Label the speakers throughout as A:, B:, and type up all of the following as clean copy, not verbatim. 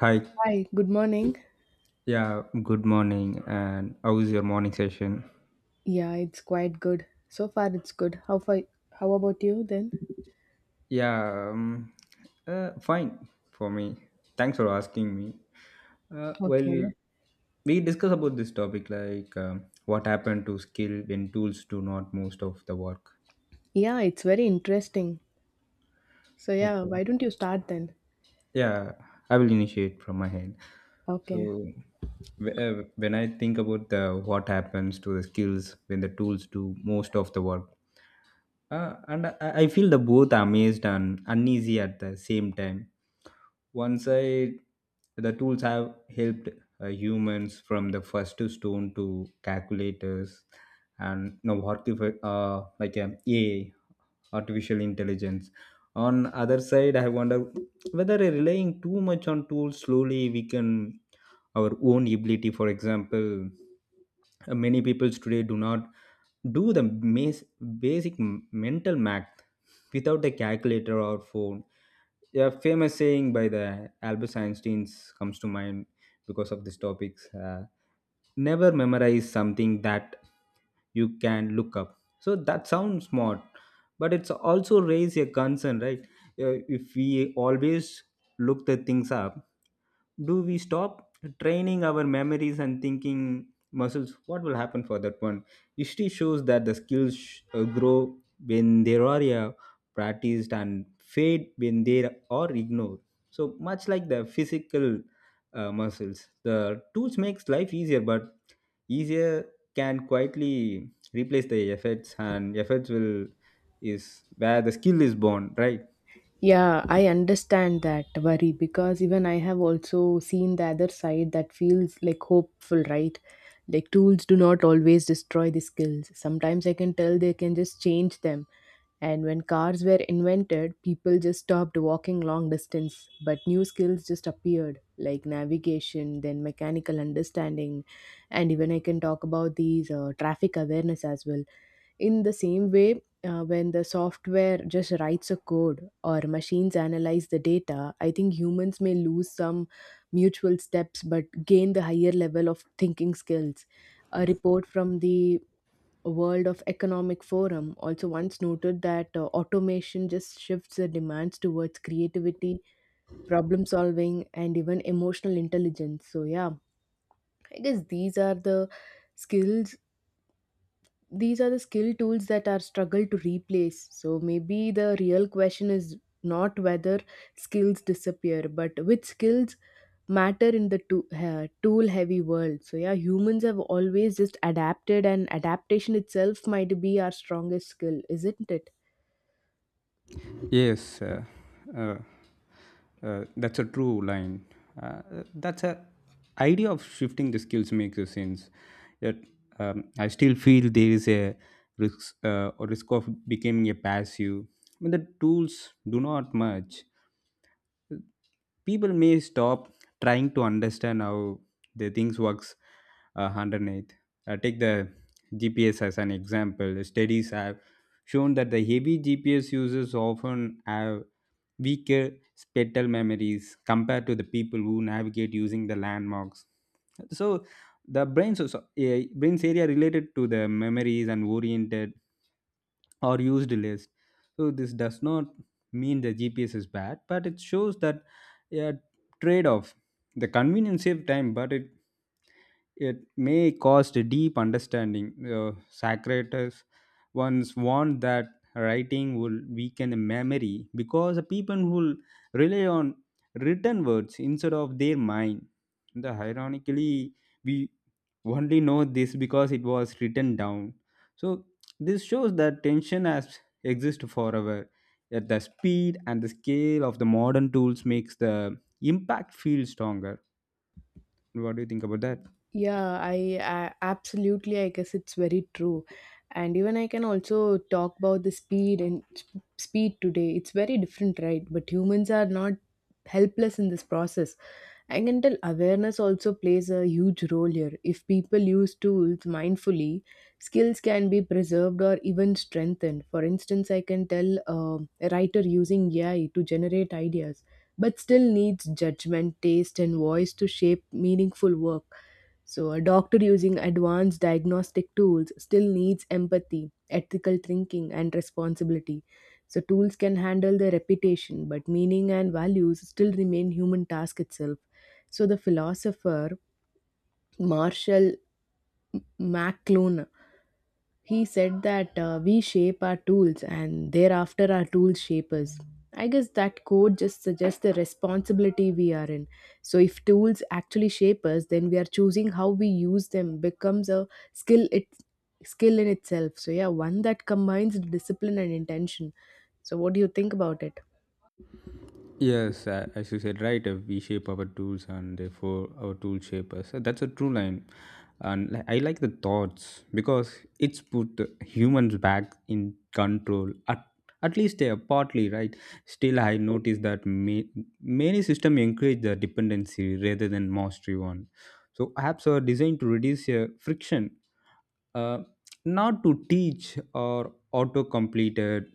A: Hi.
B: Hi, good morning.
A: Yeah, good morning. And how is your morning session?
B: Yeah, it's quite good. So far it's good. How far how about you then?
A: Yeah, fine for me. Thanks for asking me. Uh, well,
B: Okay.
A: we discuss about this topic like what happened to skill when tools do not most of the work.
B: Yeah, it's very interesting. So yeah,
A: Okay.
B: why don't you start then?
A: Yeah, I will initiate from my head.
B: Okay.
A: So, when I think about the what happens to the skills when the tools do most of the work, I feel the both amazed and uneasy at the same time. One side, the tools have helped humans from the first stone to calculators and now AI, artificial intelligence. On other side, I wonder whether relying too much on tools slowly weaken our own ability. For example, many people today do not do the basic mental math without a calculator or phone. A famous saying by the Albert Einstein comes to mind because of these topics. Never memorize something that you can look up. So that sounds smart, but it's also raise a concern, right? If we always look the things up, do we stop training our memories and thinking muscles? What will happen for that one? History shows that the skills grow when they are practiced and fade when they are ignored. So much like the physical muscles, the tools makes life easier, but easier can quietly replace the efforts, and efforts will is where the skill is born, right?
B: Yeah, I understand that worry because even I have also seen the other side that feels like hopeful, right? Like tools do not always destroy the skills. Sometimes I can tell they can just change them. And when cars were invented, people just stopped walking long distance, but new skills just appeared like navigation, then mechanical understanding, and even I can talk about these traffic awareness as well in the same way. When the software just writes a code or machines analyze the data, I think humans may lose some mutual steps but gain the higher level of thinking skills. A report from the World of Economic Forum also once noted that automation just shifts the demands towards creativity, problem solving, and even emotional intelligence. So, yeah, I guess skills these are the skill tools that are struggle to replace. So maybe the real question is not whether skills disappear but which skills matter in the tool heavy world. So yeah, humans have always just adapted, and adaptation itself might be our strongest skill, isn't it?
A: Yes, uh, that's a true line. Uh, that's a idea of shifting the skills makes a sense. Yet I still feel there is a risk or risk of becoming a passive. When the tools do not much, people may stop trying to understand how the things works underneath. Take the GPS as an example. Studies have shown that the heavy GPS users often have weaker spatial memories compared to the people who navigate using the landmarks. So the brain's area related to the memories and oriented or used list. So this does not mean the GPS is bad, but it shows that a trade-off. The convenience save time, but it may cause a deep understanding. Socrates once warned that writing will weaken the memory because the people will rely on written words instead of their mind. The ironically, we only know this because it was written down. So this shows that tension has existed forever, yet the speed and the scale of the modern tools makes the impact feel stronger. What do you think about that?
B: Yeah, I absolutely, I guess it's very true. And even I can also talk about the speed and speed today. It's very different, right? But humans are not helpless in this process. I can tell awareness also plays a huge role here. If people use tools mindfully, skills can be preserved or even strengthened. For instance, I can tell a writer using AI to generate ideas, but still needs judgment, taste, and voice to shape meaningful work. So, a doctor using advanced diagnostic tools still needs empathy, ethical thinking, and responsibility. So, tools can handle the reputation, but meaning and values still remain human task itself. So, the philosopher Marshall McLuhan, he said that we shape our tools and thereafter our tools shape us. I guess that quote just suggests the responsibility we are in. So if tools actually shape us, then we are choosing how we use them becomes a skill it skill in itself. So yeah, one that combines discipline and intention. So what do you think about it?
A: Yes, as you said, right, we shape our tools and therefore our tools shape us. That's a true line. And I like the thoughts because it's put the humans back in control. At least they are partly, right? Still, I notice that many systems encourage the dependency rather than mastery one. So apps are designed to reduce friction, uh, not to teach or auto completed,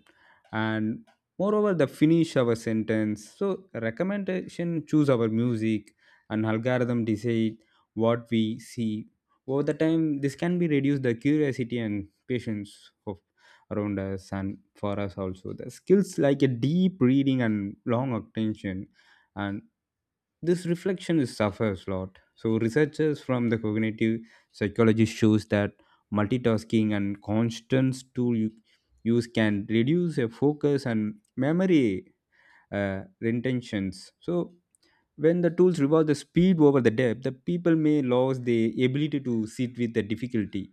A: and moreover the finish our sentence. So recommendation choose our music and algorithm decide what we see. Over the time this can be reduce the curiosity and patience of around us, and for us also the skills like a deep reading and long attention and this reflection is suffers a lot. So researchers from the cognitive psychology shows that multitasking and constant use can reduce a focus and memory retentions. So when the tools reward the speed over the depth, the people may lose the ability to sit with the difficulty.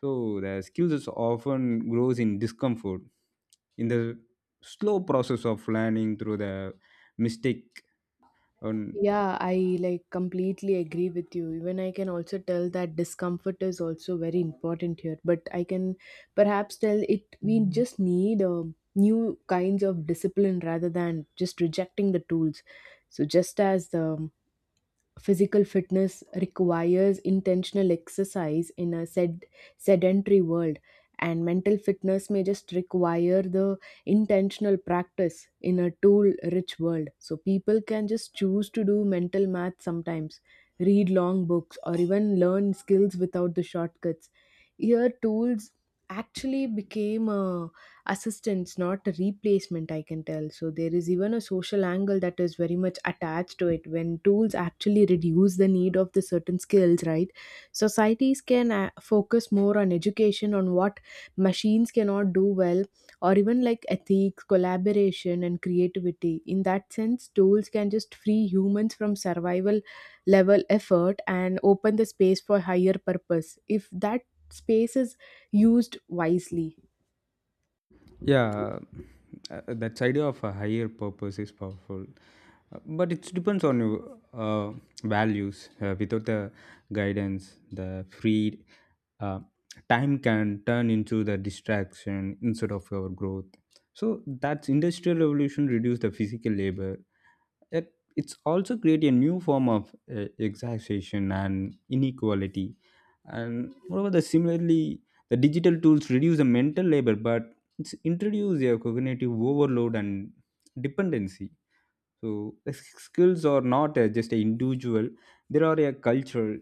A: So the skills is often grows in discomfort, in the slow process of learning through the mistake.
B: Yeah, I like completely agree with you. Even I can also tell that discomfort is also very important here, but I can perhaps tell it we just need new kinds of discipline rather than just rejecting the tools. So just as the physical fitness requires intentional exercise in a sedentary world, and mental fitness may just require the intentional practice in a tool rich world, so people can just choose to do mental math sometimes, read long books, or even learn skills without the shortcuts. Here tools actually became a assistance, not a replacement, I can tell. So there is even a social angle that is very much attached to it. When tools actually reduce the need of the certain skills, right? Societies can focus more on education, on what machines cannot do well, or even like ethics, collaboration, and creativity. In that sense, tools can just free humans from survival level effort and open the space for higher purpose if that space is used wisely.
A: Yeah, that idea of a higher purpose is powerful. But it depends on your uh, values. Without the guidance, the free uh, time can turn into the distraction instead of your growth. So that's industrial revolution reduced the physical labor. It's also create a new form of exhaustion and inequality. And moreover, the similarly, the digital tools reduce the mental labor, but it's introduce a cognitive overload and dependency. So the skills are not just a individual, there are a cultural.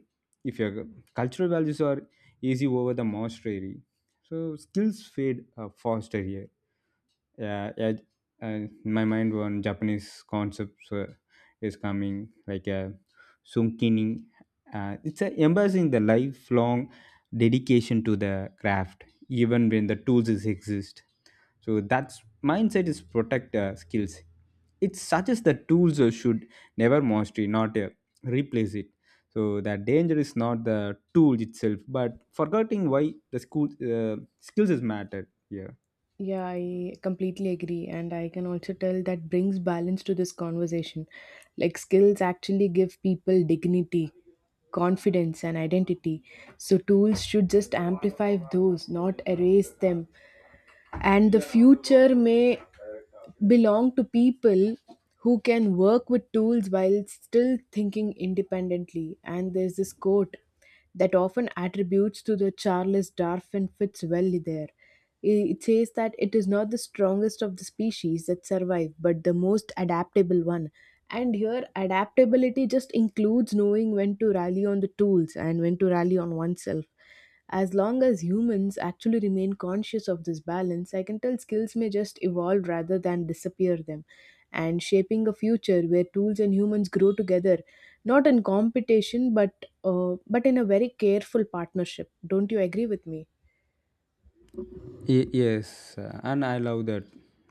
A: If your cultural values are easy over the mastery, so skills fade faster here. Yeah, uh, my mind on japanese concepts is coming, like a sunkini. It's a embracing the lifelong dedication to the craft even when the tools is exist. So that's mindset is protect skills. It suggests that tools should never mastery, not replace it. So the danger is not the tool itself, but forgetting why the school skills is matter here.
B: Yeah, I completely agree. And I can also tell that brings balance to this conversation. Like, skills actually give people dignity, confidence, and identity. So, tools should just amplify those, not erase them. And the future may belong to people who can work with tools while still thinking independently. And there's this quote that often attributes to the Charles Darwin fits well there. It says that it is not the strongest of the species that survive but the most adaptable one. And here adaptability just includes knowing when to rally on the tools and when to rally on oneself. As long as humans actually remain conscious of this balance, I can tell skills may just evolve rather than disappear them. And shaping a future where tools and humans grow together, not in competition, but in a very careful partnership. Don't you agree with me?
A: Yes, and I love that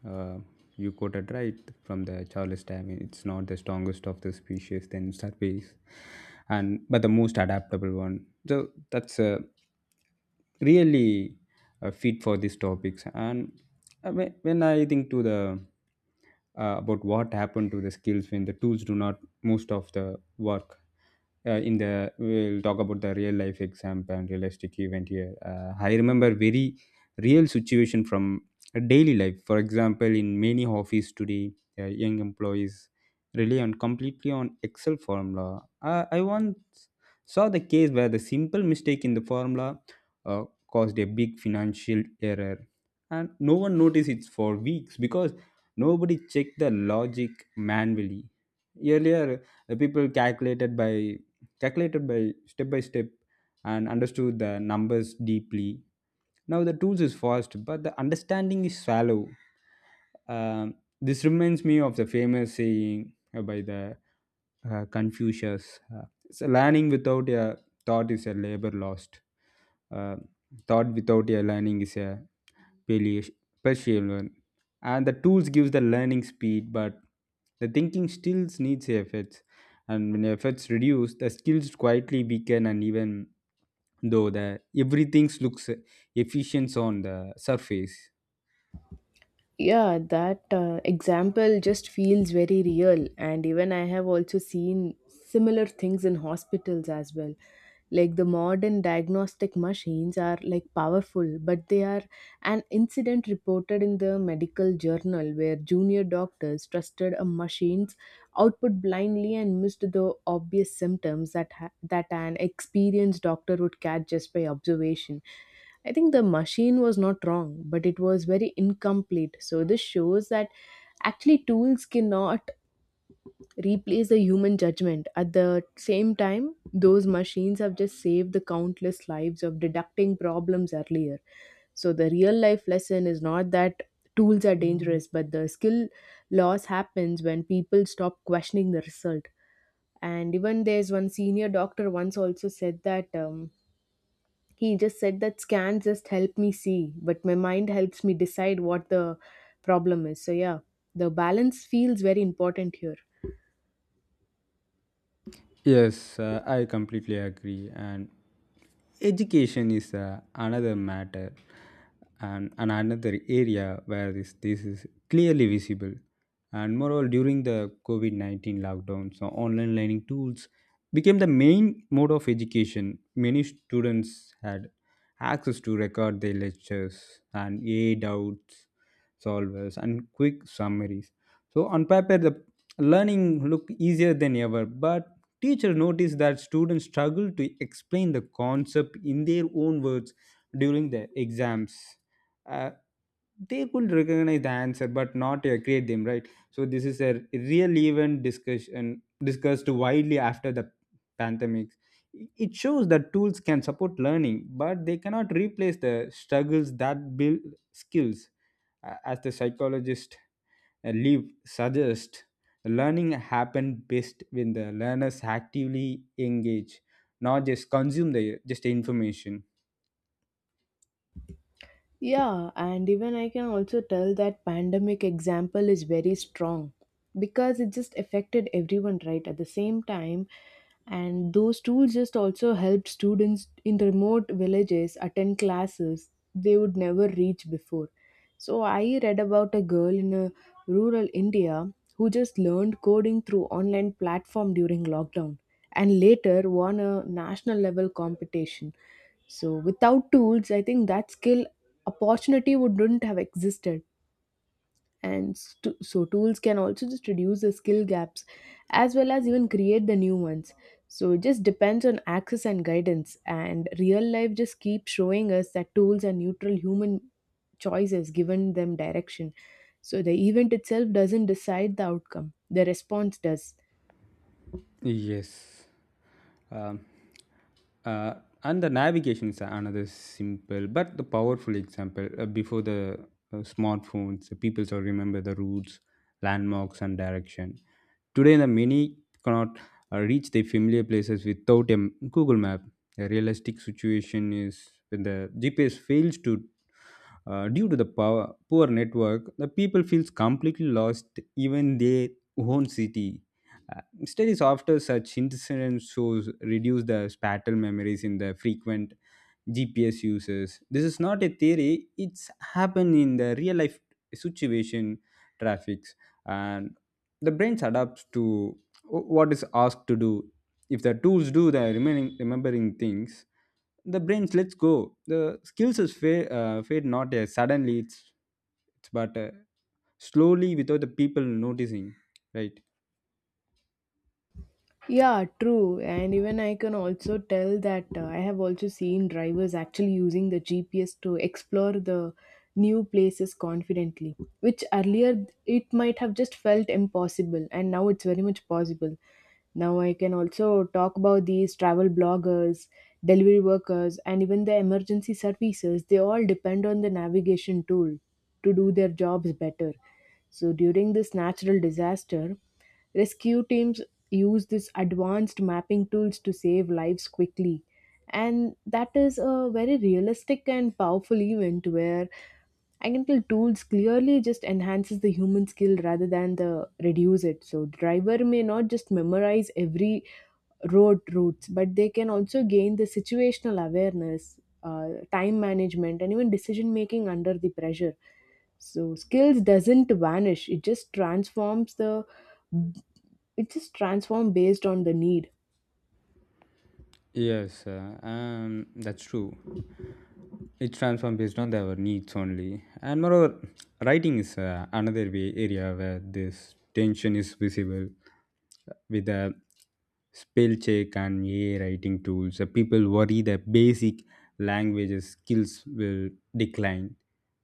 A: uh, you quoted right from the Charles Darwin. It's not the strongest of the species, then surveys, and but the most adaptable one. So that's really fit for these topics. And when I think to the about what happened to the skills when the tools do not most of the work, in the we'll talk about the real life example and realistic event here. I remember very real situation from a daily life. For example, in many office today, young employees rely on completely on excel formula. I once saw the case where the simple mistake in the formula uh, caused a big financial error, and no one noticed it for weeks because nobody checked the logic manually earlier. People calculated by step by step and understood the numbers deeply. Now the tools is fast, but the understanding is shallow. Um, this reminds me of the famous saying by the Confucius: "It's a "Learning without a thought is a labor lost. Uh, Thought without a learning is a peli- partial one." And the tools gives the learning speed, but the thinking still needs efforts. And when efforts reduce, the skills quietly weaken, and even though the everything looks efficient on the surface.
B: Yeah, that example just feels very real. And even I have also seen similar things in hospitals as well, like the modern diagnostic machines are like powerful, but they are an incident reported in the medical journal where junior doctors trusted a machine's output blindly and missed the obvious symptoms that that an experienced doctor would catch just by observation. I think the machine was not wrong, but it was very incomplete. So this shows that actually tools cannot replace the human judgment. At the same time, those machines have just saved the countless lives of deducting problems earlier. So the real life lesson is not that tools are dangerous, but the skill loss happens when people stop questioning the result. And even there's one senior doctor once also said that. He just said that scan just help me see but my mind helps me decide what the problem is. So yeah, the balance feels very important here.
A: Yes, I completely agree. And education is another matter, and another area where this is clearly visible. And moreover, during the COVID 19 lockdown, so online learning tools became the main mode of education. Many students had access to record their lectures and A doubts solvers and quick summaries. So, on paper, the learning looked easier than ever, but teacher noticed that students struggled to explain the concept in their own words during the exams. Uh, they could recognize the answer but not create them, right? So this is a real event discussion discussed widely after the pandemic. It shows that tools can support learning, but they cannot replace the struggles that build skills. As the psychologist live suggest, learning happen best when the learners actively engage, not just consume the just information.
B: Yeah, and even I can also tell that pandemic example is very strong because it just affected everyone right at the same time, and those tools just also helped students in remote villages attend classes they would never reach before. So I read about a girl in a rural India who just learned coding through online platform during lockdown and later won a national level competition. So without tools, I think that skill opportunity would not have existed. And so tools can also just reduce the skill gaps as well as even create the new ones. So it just depends on access and guidance. And real life just keeps showing us that tools are neutral, human choices given them direction. So the event itself doesn't decide the outcome, the response does.
A: Yes. Um, uh, and the navigation is another simple but the powerful example. Before the smartphones, the people still remember the routes, landmarks, and direction. Today, the many cannot reach their familiar places without a Google Map. A realistic situation is when the GPS fails to due to the power, poor network, the people feels completely lost even their own city. Studies after such incidents shows reduce the spatial memories in the frequent GPS uses. This is not a theory; it's happened in the real life situation traffics, and the brains adapts to what is asked to do. If the tools do the remaining remembering things, the brains lets go. The skills is fade, fade not suddenly. It's but slowly without the people noticing, right?
B: Yeah, true. And even I can also tell that I have also seen drivers actually using the GPS to explore the new places confidently, which earlier it might have just felt impossible, and now it's very much possible. Now I can also talk about these travel bloggers, delivery workers, and even the emergency services. They all depend on the navigation tool to do their jobs better. So during this natural disaster, rescue teams use this advanced mapping tools to save lives quickly. And that is a very realistic and powerful event where I can tell tools clearly just enhances the human skill rather than the reduce it. So driver may not just memorize every road routes, but they can also gain the situational awareness, time management, and even decision making under the pressure. So skills doesn't vanish; it just transforms the it just transforms based on the need.
A: Yes, that's true, it's transformed based on their needs only. And moreover, writing is another way area where this tension is visible with the spell check and AI writing tools. People worry that basic language skills will decline.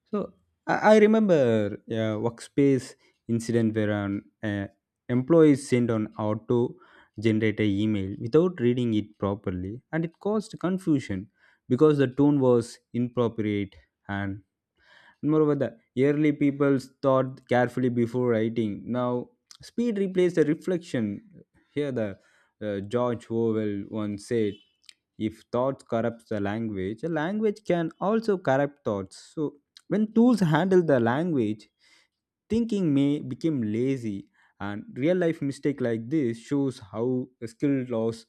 A: So I remember a workspace incident where an employee sent an auto generated email without reading it properly, and it caused confusion because the tone was inappropriate. And moreover, the early people thought carefully before writing. Now speed replaced the reflection. Here the George Orwell once said, if thought corrupts the language, a language can also corrupt thoughts. So when tools handle the language, thinking may become lazy, and real life mistake like this shows how skill loss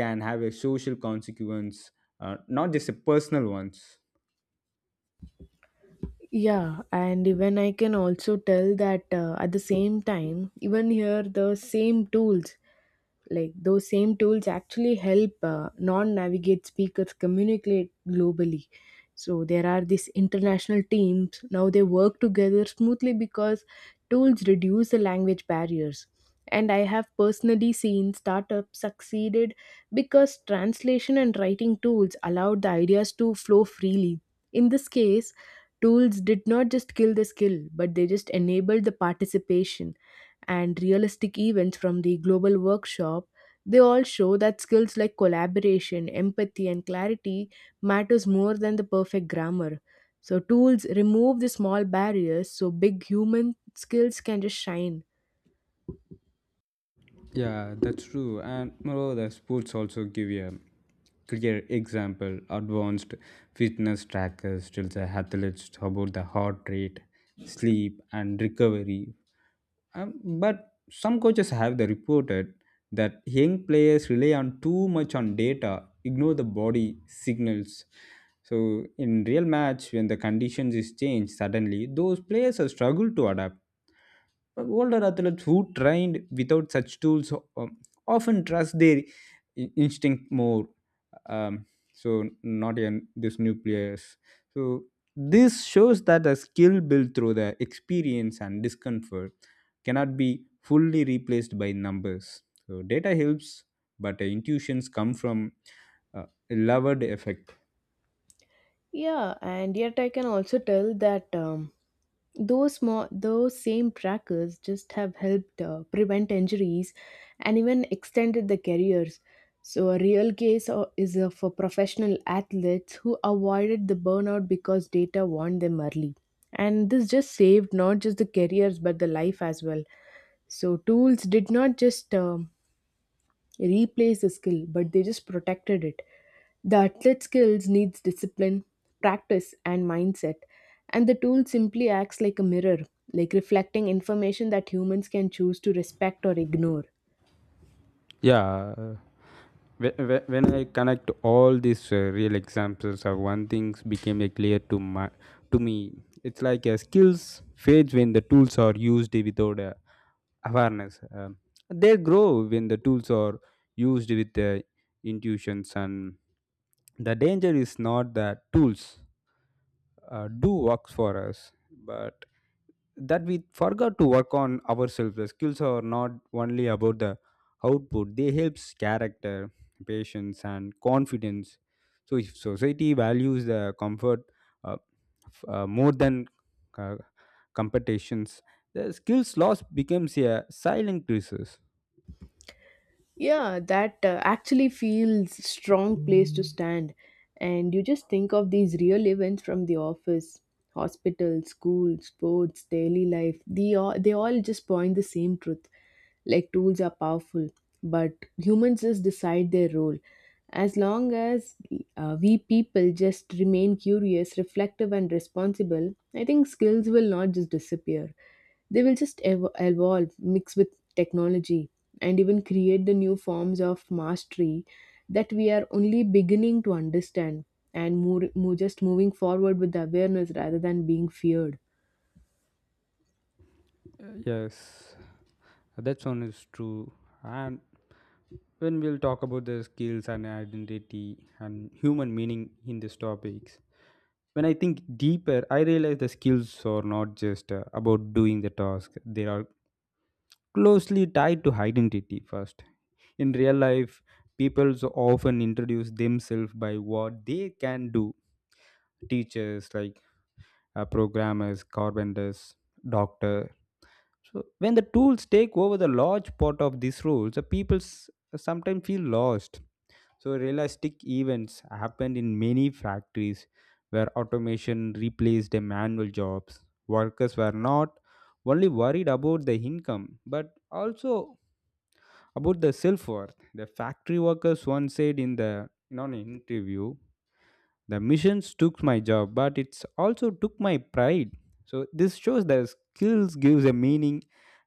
A: can have a social consequence, not just a personal ones.
B: Yeah, and even I can also tell that at the same time even here the same tools, like those same tools actually help non-navigate speakers communicate globally. So there are these international teams now, they work together smoothly because tools reduce the language barriers. And I have personally seen startups succeeded because translation and writing tools allowed the ideas to flow freely. In this case, tools did not just kill the skill, but they just enabled the participation. And realistic events from the global workshop, they all show that skills like collaboration, empathy, and clarity matters more than the perfect grammar. So tools remove the small barriers so big human skills can just shine.
A: Yeah, that's true. And moreover, the sports also give you a clear example. Advanced fitness trackers tells the athletes about the heart rate, sleep, and recovery. But some coaches have the reported that young players rely on too much on data, ignore the body signals. So in real match, when the conditions is changed suddenly, those players are struggle to adapt. But older athletes who trained without such tools often trust their instinct more. Um, so not in this nucleus. So this shows that the skill built through the experience and discomfort cannot be fully replaced by numbers. So data helps, but the intuitions come from loved effect.
B: Yeah, and yet I can also tell that those small, those same trackers just have helped prevent injuries and even extended the careers. So a real case is for professional athletes who avoided the burnout because data warned them early. And this just saved not just the careers but the life as well. So tools did not just replace the skill, but they just protected it. The athlete skills needs discipline, practice, and mindset, and the tool simply acts like a mirror, like reflecting information that humans can choose to respect or ignore.
A: Yeah, when I connect all these real examples of one things became clear to my to me. It's like skills fades when the tools are used without awareness. They grow when the tools are used with intuitions, and the danger is not that tools do works for us, but that we forgot to work on ourselves. The skills are not only about the output, they helps character, patience, and confidence. So, if society values the comfort, uh, more than uh, competitions, the skills loss becomes a silent crisis.
B: Yeah, that actually feels strong place to stand. And you just think of these real events from the office, hospital, school, sports, daily life. They all just point the same truth, like tools are powerful but humans just decide their role. As long as we people just remain curious, reflective, and responsible, I think skills will not just disappear. They will just evolve, mix with technology, and even create the new forms of mastery that we are only beginning to understand. And more just moving forward with the awareness rather than being feared.
A: Yes, that one is true. And when we'll talk about the skills and identity and human meaning in these topics, when I think deeper I realize the skills are not just about doing the task. They are closely tied to identity first. In real life, people so often introduce themselves by what they can do. Teachers, like, programmers, carpenters, doctor. So when the tools take over the large part of these roles, the people sometimes feel lost. So, realistic events happened in many factories where automation replaced the manual jobs. Workers were not only worried about the income but also about the self worth. The factory workers once said in the in an interview, the missions took my job, but it's also took my pride. So this shows that skills gives a meaning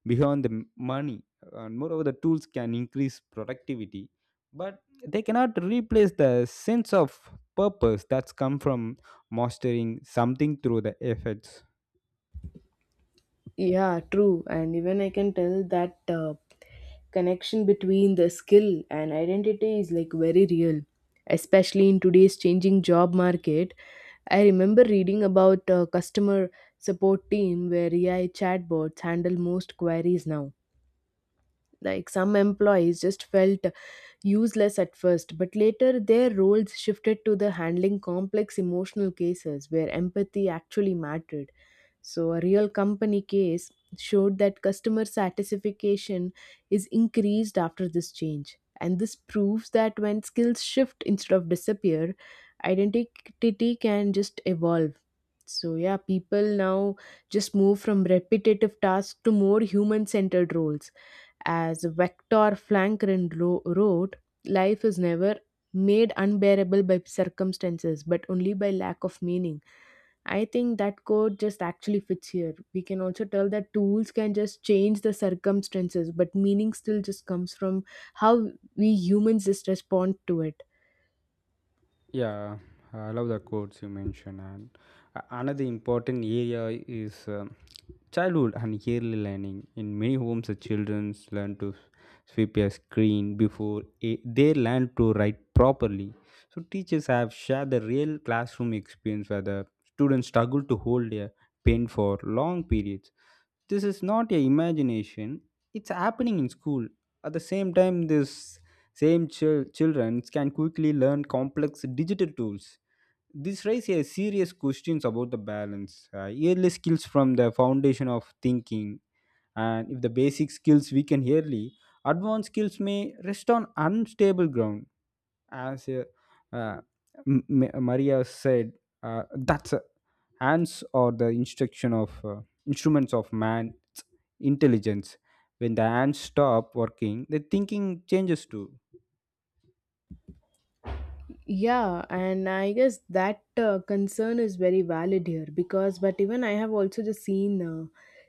A: beyond the money, and moreover, the tools can increase productivity, but they cannot replace the sense of purpose that's come from mastering something through the efforts.
B: Yeah, true. And even I can tell that connection between the skill and identity is like very real, especially in today's changing job market. I remember reading about a customer support team where AI chatbots handle most queries now, like some employees just felt useless at first, but later their roles shifted to the handling complex emotional cases where empathy actually mattered. So, a real company case showed that customer satisfaction is increased after this change. And this proves that when skills shift instead of disappear, identity can just evolve. So, yeah, people now just move from repetitive tasks to more human centered roles as Victor Franklin wrote, life is never made unbearable by circumstances, but only by lack of meaning. I think that quote just actually fits here. We can also tell that tools can just change the circumstances, but meaning still just comes from how we humans just respond to it.
A: Yeah, I love the quotes you mentioned. And another important area is childhood and early learning. In many homes, the children learn to sweep a screen before they learn to write properly. So, teachers have shared the real classroom experience where the students struggle to hold a pen for long periods. This is not a imagination, it's happening in school. At the same time, this same children can quickly learn complex digital tools. This raises a serious questions about the balance. Uh, early skills from the foundation of thinking, and if the basic skills weaken early, advanced skills may rest on unstable ground. As uh, maria said, that's hands or the instruction of instruments of man's intelligence, when the hands stop working the thinking changes too.
B: Yeah, and I guess that concern is very valid here because, but even I have also just seen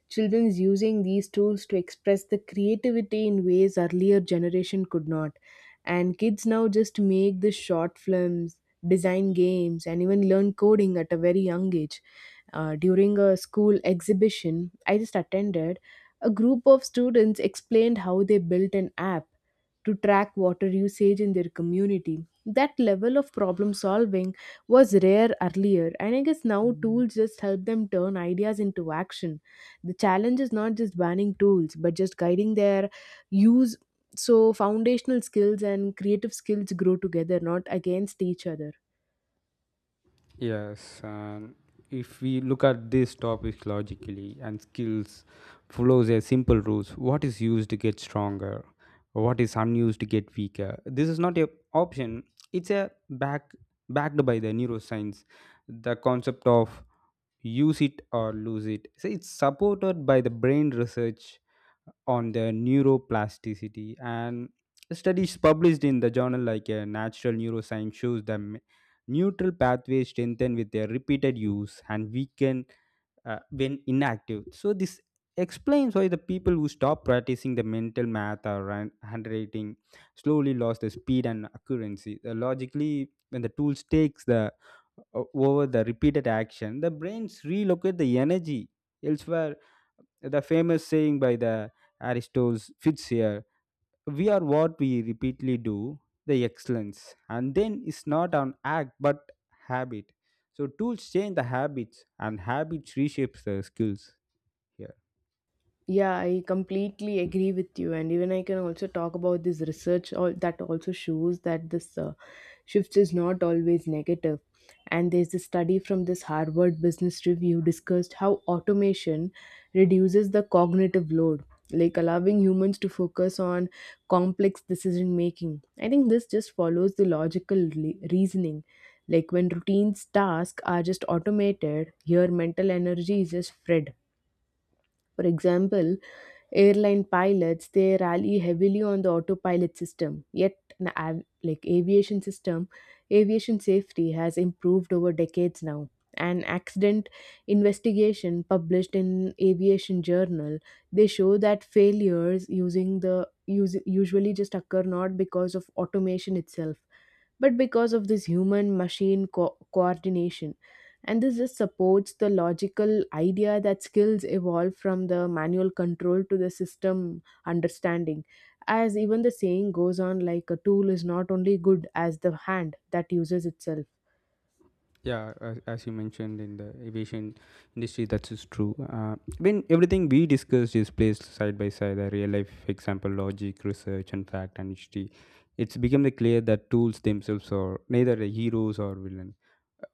B: children's using these tools to express the creativity in ways earlier generation could not, and kids now just make the short films, design games, and even learn coding at a very young age. During a school exhibition I just attended, a group of students explained how they built an app to track water usage in their community. That level of problem solving was rare earlier, and I guess now tools just help them turn ideas into action. The challenge is not just banning tools, but just guiding their use so foundational skills and creative skills grow together, not against each other.
A: Yes, and if we look at this topic logically, and skills follows a simple rules. What is used to get stronger? What is unused to get weaker? This is not a option. It's a backed by the neuroscience. The concept of use it or lose it. So it's supported by the brain research on the neuroplasticity, and studies published in the journal like natural neuroscience shows that neutral pathways strengthen with their repeated use and weaken when inactive. So, this explains why the people who stop practicing the mental math or handwriting slowly lost the speed and accuracy. Logically, when the tool takes the over the repeated action, the brains relocate the energy elsewhere. The famous saying by the Aristotle fits here, we are what we repeatedly do, the excellence and then it's not an act but habit. So tools change the habits and habits reshapes the skills here.
B: Yeah, I completely agree with you, and even I can also talk about this research all that also shows that this shift is not always negative. And there's a study from this Harvard Business Review discussed how automation reduces the cognitive load, like allowing humans to focus on complex decision making. I think this just follows the reasoning. Like when routines tasks are just automated, your mental energy is just spread. For example, airline pilots they rely heavily on the autopilot system yet like aviation system aviation safety has improved over decades now an accident investigation published in aviation journal they show that failures using the usually just occur not because of automation itself but because of this human machine coordination and this just supports the logical idea that skills evolve from the manual control to the system understanding. As even the saying goes on, like a tool is not only good as the hand that uses itself.
A: Yeah, as you mentioned in the aviation industry, that is true. When everything we discussed is placed side by side, a real life example, logic, research, and fact, and history, it's become the clear that tools themselves are neither the heroes or villain.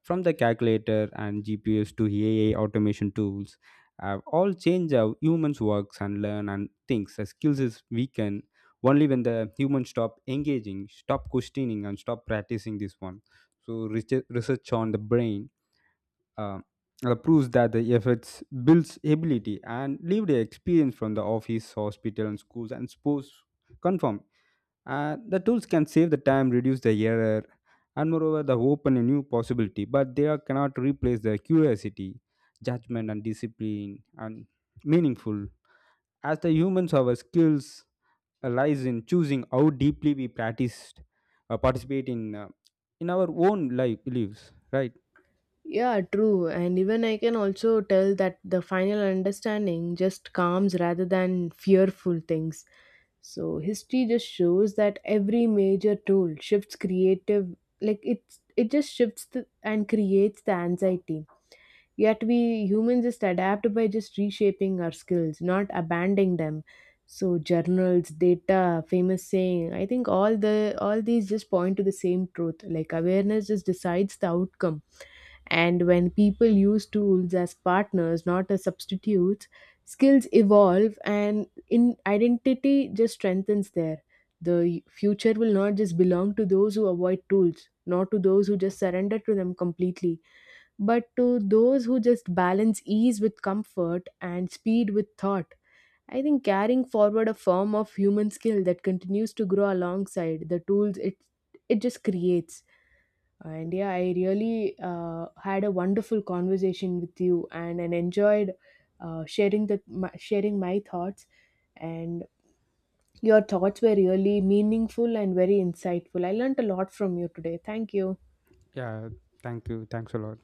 A: From the calculator and GPS to AI automation tools, have all changed how humans works and learn and thinks. The skills is weakened only when the humans stop engaging, stop questioning, and stop practicing this one. So research on the brain uh, proves that the efforts builds ability, and lived experience from the office, hospital, and schools and sports confirm. The tools can save the time, reduce the error, and moreover, they open a new possibility. But they are, cannot replace the curiosity, judgment, and discipline, and meaningful. As the humans, our skills lies in choosing how deeply we practice, participate in our own life lives, right?
B: Yeah, true. And even I can also tell that the final understanding just calms rather than fearful things. So history just shows that every major tool shifts creative like it just shifts the, and creates the anxiety. Yet we humans just adapt by just reshaping our skills, not abandoning them. So journals, data, famous saying, I think all these just point to the same truth. Like awareness just decides the outcome. And when people use tools as partners, not as substitutes, skills evolve and in identity just strengthens there. The future will not just belong to those who avoid tools, not to those who just surrender to them completely. But to those who just balance ease with comfort and speed with thought, I think carrying forward a form of human skill that continues to grow alongside the tools it just creates. And yeah, I really had a wonderful conversation with you, and enjoyed sharing my thoughts. And your thoughts were really meaningful and very insightful. I learned a lot from you today. Thank you.
A: Yeah, thank you. Thanks a lot.